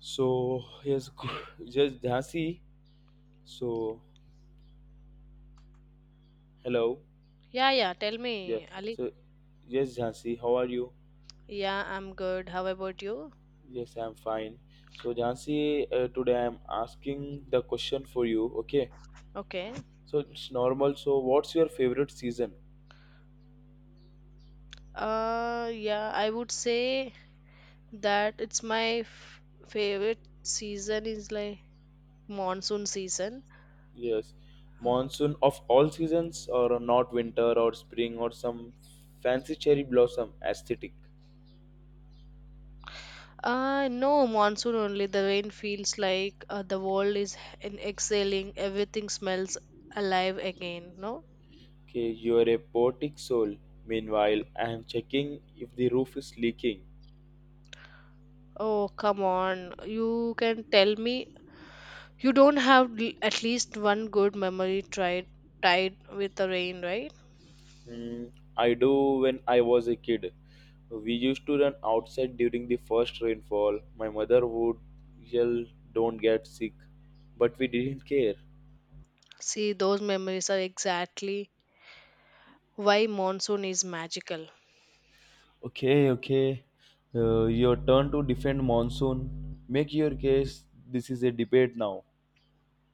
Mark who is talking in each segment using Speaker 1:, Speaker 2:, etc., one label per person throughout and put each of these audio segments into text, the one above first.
Speaker 1: So yes, yes, Jhansi. So hello,
Speaker 2: Yeah, yeah. Tell
Speaker 1: yeah.
Speaker 2: me, Ali.
Speaker 1: So yes, Jhansi, how are you?
Speaker 2: Yeah, I'm good. How about you?
Speaker 1: Yes, I'm fine. So Jhansi, today I'm asking the question for you. Okay.
Speaker 2: Okay.
Speaker 1: So it's normal. So what's your favorite season?
Speaker 2: Yeah, I would say that favorite season is like monsoon season.
Speaker 1: Yes, monsoon of all seasons, or not winter or spring or some fancy cherry blossom aesthetic.
Speaker 2: No, monsoon only. The rain feels like the world is in exhaling. Everything smells alive again. No.
Speaker 1: Okay, you are a poetic soul. Meanwhile, I am checking if the roof is leaking.
Speaker 2: Oh, come on. You can tell me you don't have at least one good memory tried tied with the rain, right?
Speaker 1: Mm, I do when I was a kid. We used to run outside during the first rainfall. My mother would yell, "Don't get sick." But we didn't care.
Speaker 2: See, those memories are exactly why monsoon is magical.
Speaker 1: Okay, okay. Your turn to defend monsoon. Make your case. This is a debate now.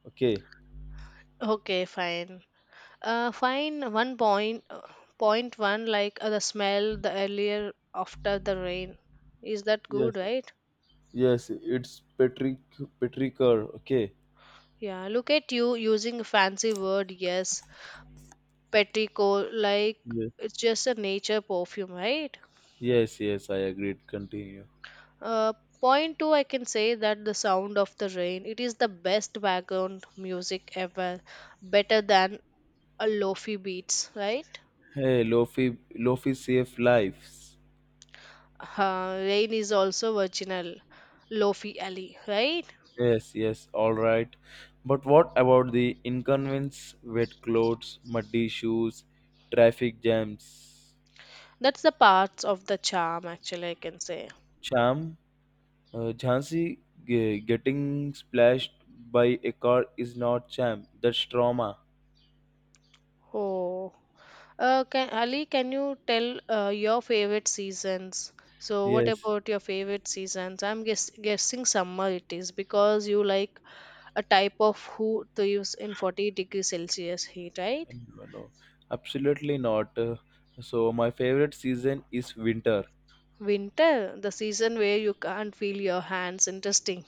Speaker 1: Okay.
Speaker 2: Okay, fine. Fine. One point, point one, like the smell, the earlier after the rain. Is that good,
Speaker 1: Yes.
Speaker 2: right?
Speaker 1: Yes, it's Patricker. Okay.
Speaker 2: Yeah. Look at you using a fancy word. Yes, petrichor. Like
Speaker 1: Yes.
Speaker 2: it's just a nature perfume, right?
Speaker 1: Yes, yes, I agreed. Continue.
Speaker 2: Uh, Point two, I can say that the sound of the rain. It is the best background music ever, better than a lofi beats, right?
Speaker 1: Hey, Lofi, Lofi save lives.
Speaker 2: Rain is also virginal lofi alley, right?
Speaker 1: Yes, yes, all right. But what about the inconvenience, wet clothes, muddy shoes, traffic jams?
Speaker 2: That's the parts of the charm, actually, I can say.
Speaker 1: Cham, Jhansi getting splashed by a car is not cham. That's trauma.
Speaker 2: Oh, Ali, can you tell your favorite seasons? So what
Speaker 1: Yes,
Speaker 2: about your favorite seasons? I'm guessing summer it is because you like a type of who to use in 40-degree celsius heat, right?
Speaker 1: no, no, absolutely not. So my favorite season is winter.
Speaker 2: Winter, the season where you can't feel your hands, interesting.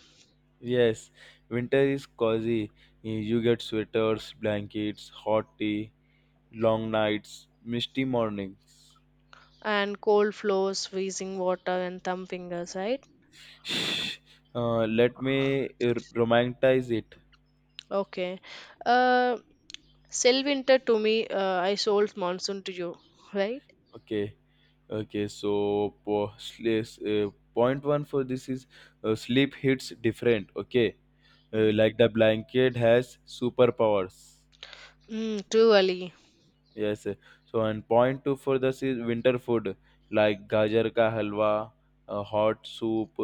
Speaker 1: Yes, winter is cozy. You get sweaters, blankets, hot tea, long nights, misty mornings.
Speaker 2: And cold floors, freezing water, and thumb fingers, right?
Speaker 1: Let me romanticize it.
Speaker 2: Okay. Uh, Selvinter to me, I sold monsoon to you, right?
Speaker 1: Okay. Okay, so point one for this is sleep hits different. Okay,
Speaker 2: Mm,
Speaker 1: like the blanket has superpowers.
Speaker 2: mm, too early.
Speaker 1: Yes. So and point two for this is winter food like gajar ka halwa, hot soup,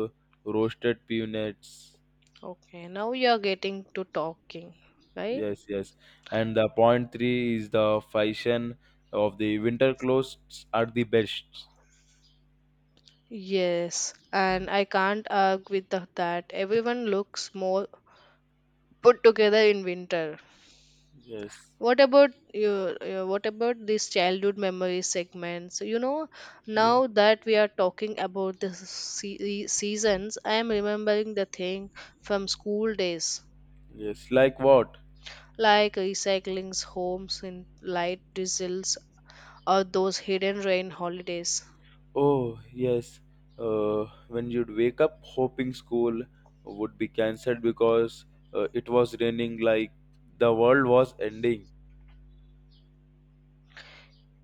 Speaker 1: roasted peanuts.
Speaker 2: Okay, now you're getting to talking, right?
Speaker 1: Yes, yes. And the point three is the fashion of the winter clothes are the best.
Speaker 2: Yes, and I can't argue with that. Everyone looks more put together in winter.
Speaker 1: Yes,
Speaker 2: What about your, what about these childhood memory segments? You know,
Speaker 1: yes,
Speaker 2: now that we are talking about the seasons, I am remembering the thing from school days.
Speaker 1: yes. Like what?
Speaker 2: Like recycling's homes in light diesels, or those hidden rain holidays.
Speaker 1: Oh, yes. When you'd wake up hoping school would be cancelled because it was raining like the world was ending.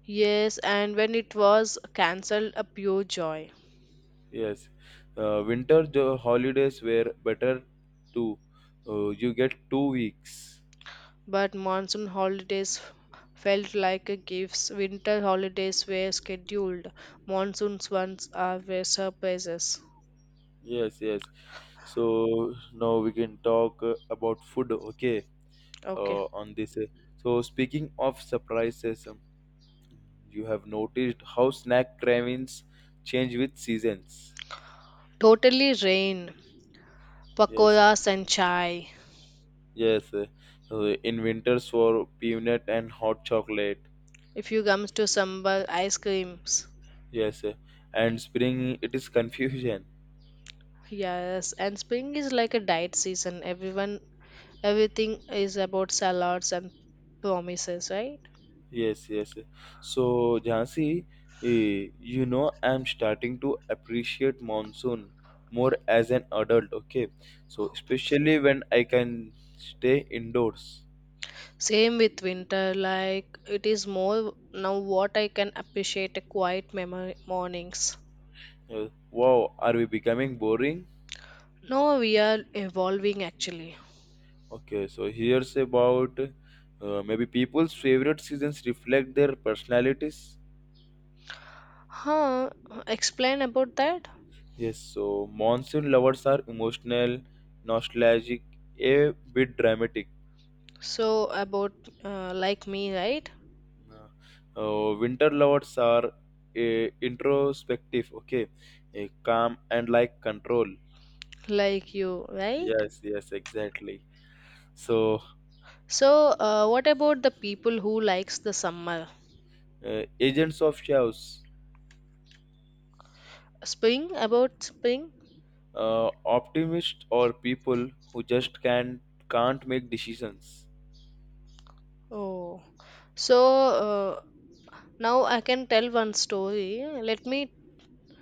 Speaker 2: Yes, and when it was cancelled, a pure joy.
Speaker 1: Yes. Winter the holidays were better too. You get 2 weeks.
Speaker 2: But monsoon holidays felt like a gift. Winter holidays were scheduled. Monsoon's ones are were surprises.
Speaker 1: Yes, yes. So now we can talk about food, okay?
Speaker 2: Okay.
Speaker 1: On this. So speaking of surprises. You have noticed how snack cravings change with seasons.
Speaker 2: Totally rain,
Speaker 1: Yes,
Speaker 2: pakoras and chai.
Speaker 1: yes. In winters for peanut and hot chocolate.
Speaker 2: If you comes to sambar, ice creams.
Speaker 1: Yes, and spring it is confusion.
Speaker 2: Yes, and spring is like a diet season. Everyone Everything is about salads and promises, right?
Speaker 1: Yes, yes. So, Jhansi, eh, you know, I'm starting to appreciate monsoon more as an adult, okay? So, especially when I can stay indoors.
Speaker 2: Same with winter, like it is more now what I can appreciate a quiet memory mornings.
Speaker 1: Wow, are we becoming boring?
Speaker 2: Now we are evolving, actually.
Speaker 1: Okay, so here's about maybe people's favorite seasons reflect their personalities.
Speaker 2: Huh? Explain about that.
Speaker 1: Yes, so monsoon lovers are emotional, nostalgic, a bit dramatic.
Speaker 2: So about like me, right?
Speaker 1: Winter lovers are introspective, okay, calm and like control.
Speaker 2: Like you, right?
Speaker 1: Yes, yes, exactly. So,
Speaker 2: So what about the people who likes the summer?
Speaker 1: agents of chaos,
Speaker 2: Spring? About spring?
Speaker 1: optimists or people who just can't make decisions.
Speaker 2: Oh, so uh, now I can tell one story. Let me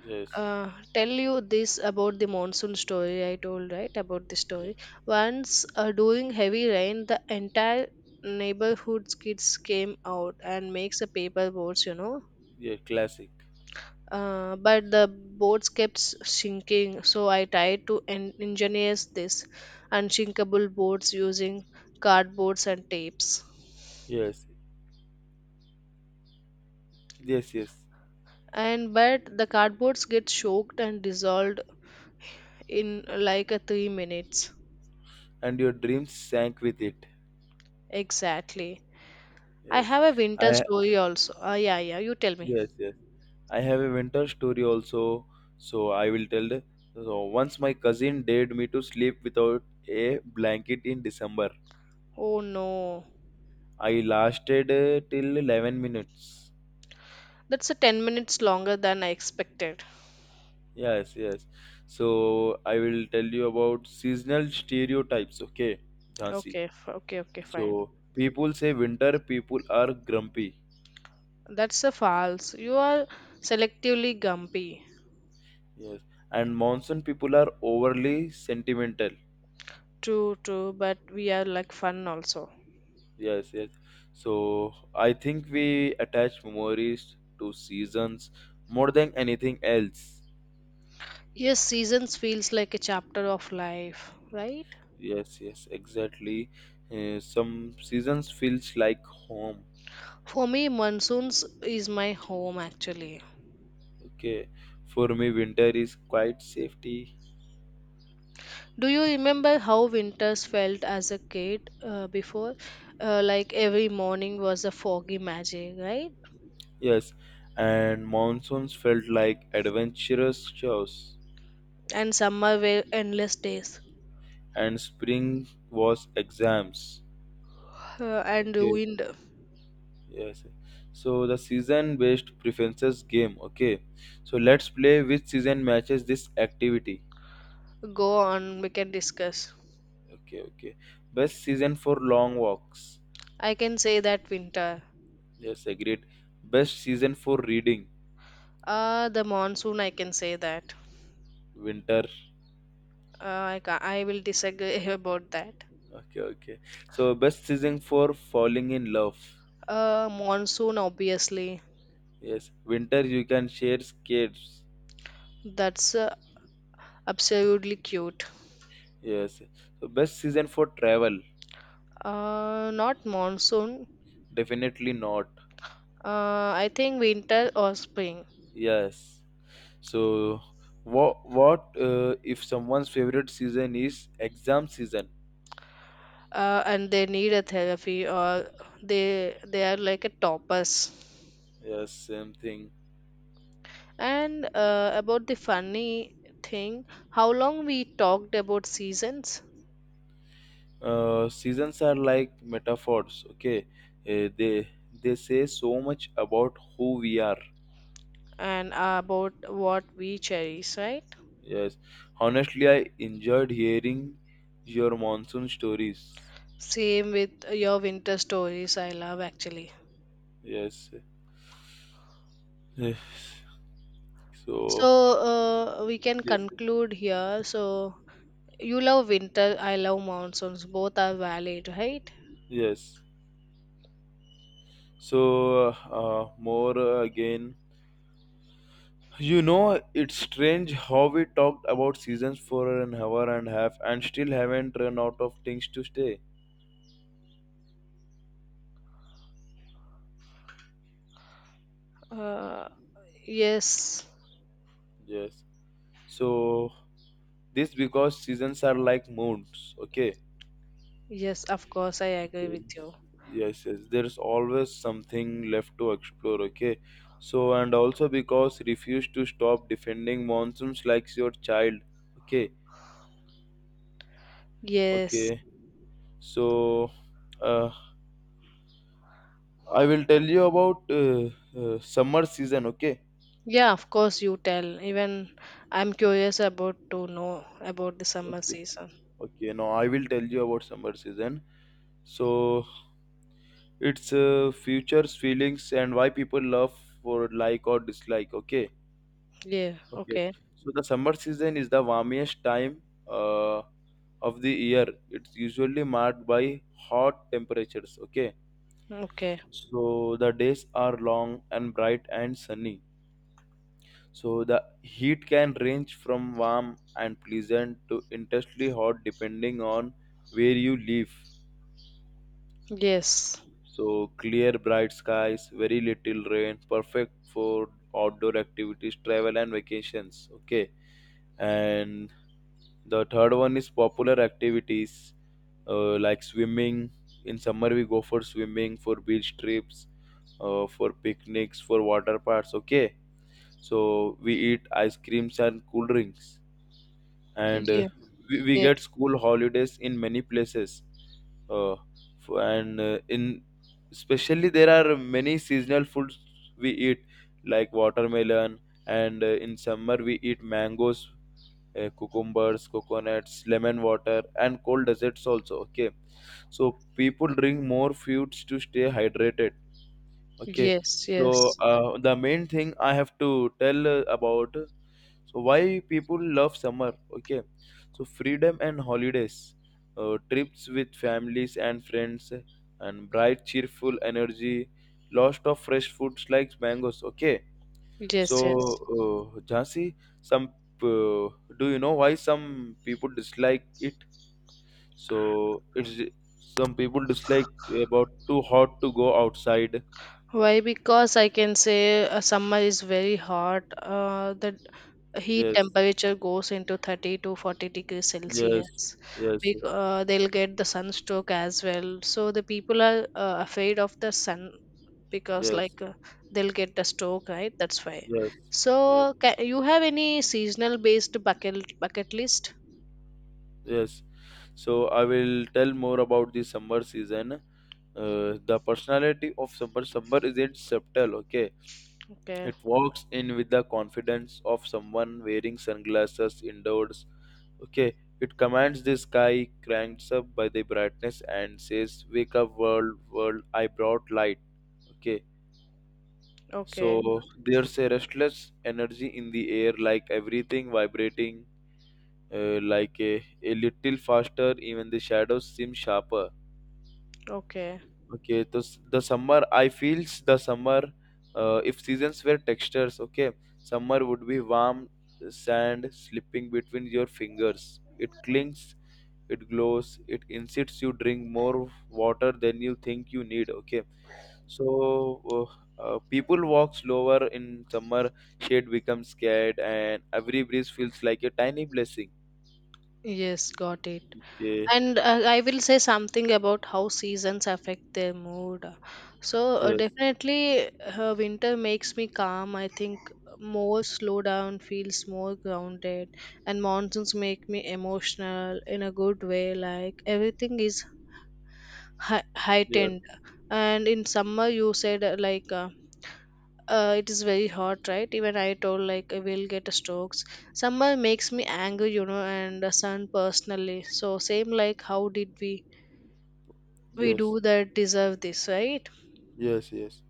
Speaker 1: Yes.
Speaker 2: tell you this about the monsoon story I told, right? About the story.
Speaker 1: yes.
Speaker 2: Once during heavy rain, the entire neighborhood's kids came out and makes a paper boats, you know.
Speaker 1: Yeah, classic.
Speaker 2: But the boats sinking, so I tried to engineer this unsinkable boats using cardboards and tapes,
Speaker 1: Yes, yes, yes.
Speaker 2: and but the cardboards get soaked and dissolved in like a 3 minutes.
Speaker 1: And your dreams sank with it.
Speaker 2: Exactly. I
Speaker 1: Yes,
Speaker 2: have a winter
Speaker 1: I
Speaker 2: story also. Yeah, yeah, you tell me.
Speaker 1: yes yes. I have a winter story also, so I will tell the. So once my cousin dared me to sleep without a blanket in December.
Speaker 2: Oh no.
Speaker 1: I lasted till 11 minutes.
Speaker 2: That's a 10 minutes longer than I expected.
Speaker 1: Yes, yes. So I will tell you about seasonal stereotypes. Okay, Jhansi.
Speaker 2: Okay, okay, fine.
Speaker 1: So people say winter people are grumpy.
Speaker 2: That's a false. You are selectively gumpy.
Speaker 1: Yes, and monsoon people are overly sentimental.
Speaker 2: True, true, but we are like fun also.
Speaker 1: Yes, yes. So I think we attach memories to seasons more than anything else.
Speaker 2: Yes, seasons feels like a chapter of life, right?
Speaker 1: Yes, yes, exactly. Some seasons feels like home.
Speaker 2: For me, monsoons is my home, actually.
Speaker 1: Okay, for me, winter is quite safety.
Speaker 2: Do you remember how winters felt as a kid before? Like every morning was a foggy magic, right?
Speaker 1: Yes, and monsoons felt like adventurous shows,
Speaker 2: And summer were endless days,
Speaker 1: and spring was exams.
Speaker 2: and
Speaker 1: Okay.
Speaker 2: wind.
Speaker 1: Yes. So the season based preferences game. Okay. So let's play which season matches this activity.
Speaker 2: Go on, we can discuss.
Speaker 1: Okay, okay. Best season for long walks.
Speaker 2: I can say that winter.
Speaker 1: Yes, agreed. Best season for reading.
Speaker 2: The monsoon, I can say that.
Speaker 1: Winter.
Speaker 2: uh, I will disagree about that.
Speaker 1: Okay, okay. So best season for falling in love.
Speaker 2: Monsoon obviously.
Speaker 1: Yes. Winter you can share skates.
Speaker 2: That's absolutely cute.
Speaker 1: Yes. So best season for travel.
Speaker 2: Not monsoon.
Speaker 1: Definitely not.
Speaker 2: uh I think winter or spring.
Speaker 1: Yes. So, what if someone's favorite season is exam season?
Speaker 2: And they need a therapy, or they are like a toppers.
Speaker 1: Yes, same thing.
Speaker 2: And about the funny thing, how long we talked about seasons,
Speaker 1: Seasons are like metaphors. Okay, Uh, they they say so much about who we are.
Speaker 2: and about what we cherish, right?
Speaker 1: Yes, honestly, I enjoyed hearing your monsoon stories.
Speaker 2: Same with your winter stories, I love, actually.
Speaker 1: Yes, yes.
Speaker 2: So
Speaker 1: So
Speaker 2: we can
Speaker 1: yes,
Speaker 2: conclude here. So you love winter, I love monsoons. Both are valid, right?
Speaker 1: yes. So more again. You know, it's strange how we talked about seasons for an hour and a half and still haven't run out of things to say.
Speaker 2: Uh, yes,
Speaker 1: Yes. So this because seasons are like moons, okay?
Speaker 2: yes, of course, I agree
Speaker 1: Yes.
Speaker 2: with you.
Speaker 1: Yes, yes. There's always something left to explore, okay? So and also because refuse to stop defending monsoons like your child. Okay.
Speaker 2: Yes.
Speaker 1: Okay. So uh, I will tell you about summer season, okay?
Speaker 2: Yeah, of course you tell. Even I'm curious about to know about the summer
Speaker 1: Okay.
Speaker 2: season.
Speaker 1: Okay, now I will tell you about summer season. So it's futures, feelings, and why people love for like or dislike. Okay,
Speaker 2: Yeah.
Speaker 1: okay.
Speaker 2: Okay.
Speaker 1: So the summer season is the warmest time uh, of the year. It's usually marked by hot temperatures. Okay,
Speaker 2: Okay.
Speaker 1: so the days are long and bright and sunny. So the heat can range from warm and pleasant to intensely hot depending on where you live.
Speaker 2: Yes.
Speaker 1: So clear, bright skies, very little rain, perfect for outdoor activities, travel and vacations. Okay, and the third one is popular activities like swimming. In summer, we go for swimming, for beach trips, for picnics, for water parks. Okay, so we eat ice creams and cool drinks, and
Speaker 2: Yeah.
Speaker 1: we
Speaker 2: Yeah.
Speaker 1: get school holidays in many places. F- and in especially there are many seasonal foods we eat like watermelon and in summer we eat mangoes, cucumbers, coconuts, lemon water and cold desserts also. Okay, so people drink more foods to stay hydrated. Okay,
Speaker 2: Yes.
Speaker 1: so
Speaker 2: Yes.
Speaker 1: the main thing I have to tell about, so why people love summer. Okay, so freedom and holidays, trips with families and friends, and bright, cheerful energy, lots of fresh foods like mangoes. Okay, so
Speaker 2: Yes. Yes.
Speaker 1: Jhansi, some uh, do you know why some people dislike it? So it's some people dislike about too hot to go outside.
Speaker 2: Why? Because I can say summer is very hot. The heat
Speaker 1: Yes.
Speaker 2: temperature goes into 30 to 40 degrees
Speaker 1: Yes,
Speaker 2: Celsius.
Speaker 1: yes,
Speaker 2: They'll get the sunstroke as well. So the people are afraid of the sun, because
Speaker 1: yes,
Speaker 2: like they'll get the stroke, right? That's why.
Speaker 1: yes,
Speaker 2: So
Speaker 1: yes,
Speaker 2: you have any seasonal based bucket list?
Speaker 1: yes. So I will tell more about the summer season. The personality of summer isn't subtle. Okay,
Speaker 2: Okay.
Speaker 1: it walks in with the confidence of someone wearing sunglasses indoors. Okay, it commands the sky, cranks up by the brightness, and says, "Wake up, world! I brought light." Okay, so
Speaker 2: Okay,
Speaker 1: there's a restless energy in the air, like everything vibrating like a little faster. Even the shadows seem sharper.
Speaker 2: okay.
Speaker 1: Okay, so the summer I feels the summer. If seasons were textures, okay, summer would be warm sand slipping between your fingers. It clings, it glows, it insists you drink more water than you think you need. Okay, so uh, people walk slower in summer. Shade becomes scared and every breeze feels like a tiny blessing.
Speaker 2: Yes, got it.
Speaker 1: Okay,
Speaker 2: And I will say something about how seasons affect their mood. So,
Speaker 1: yes.
Speaker 2: definitely, winter makes me calm. I think more slow down, feels more grounded, and monsoons make me emotional in a good way. Like everything is
Speaker 1: Yes,
Speaker 2: heightened. And in summer you said it is very hot, right? Even I told, like, I will get strokes. Summer makes me angry, you know, and the sun personally. So same, like, how did we
Speaker 1: yes,
Speaker 2: do that, deserve this, right?
Speaker 1: yes, yes.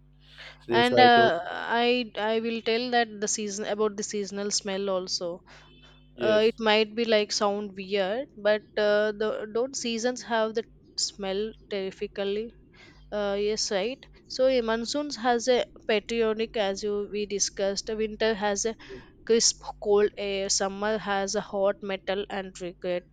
Speaker 1: So yes,
Speaker 2: And
Speaker 1: I told
Speaker 2: i I will tell that the season about the seasonal smell also. It
Speaker 1: yes,
Speaker 2: might be like sound weird, but the don't seasons have the smell terrifically? Yes, right. So a monsoons has a patronic, as you we discussed. Winter has a crisp, cold air. Summer has a hot metal and regret.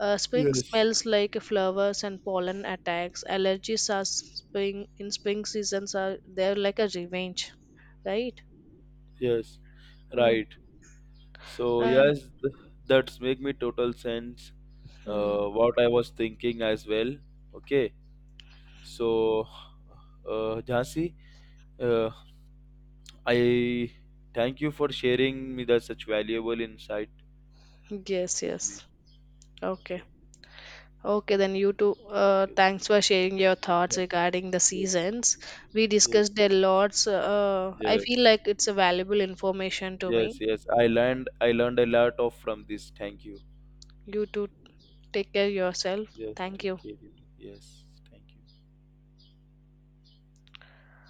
Speaker 2: Spring
Speaker 1: yes,
Speaker 2: smells like flowers and pollen attacks. Allergies are spring in spring seasons are they're like a revenge, right?
Speaker 1: yes.
Speaker 2: Uh,
Speaker 1: Right. So
Speaker 2: uh,
Speaker 1: yes, that's make me total sense.
Speaker 2: hmm.
Speaker 1: What I was thinking as well. Okay. So, Jhansi, uh, I thank you for sharing me that such valuable insight
Speaker 2: Yes,
Speaker 1: with me.
Speaker 2: yes. Okay.
Speaker 1: Okay.
Speaker 2: Okay, then you too.
Speaker 1: Okay.
Speaker 2: Thanks for sharing your thoughts
Speaker 1: Thank
Speaker 2: regarding the
Speaker 1: you. Yes.
Speaker 2: seasons. We
Speaker 1: Yes.
Speaker 2: discussed a lot. So, I feel
Speaker 1: Yes.
Speaker 2: like it's a valuable information to me.
Speaker 1: Yes. Yes. I learned a lot of from this. Thank you.
Speaker 2: You too. Take
Speaker 1: Yes.
Speaker 2: care yourself.
Speaker 1: Just
Speaker 2: Thank
Speaker 1: take
Speaker 2: you.
Speaker 1: care. You Yes. Thank you.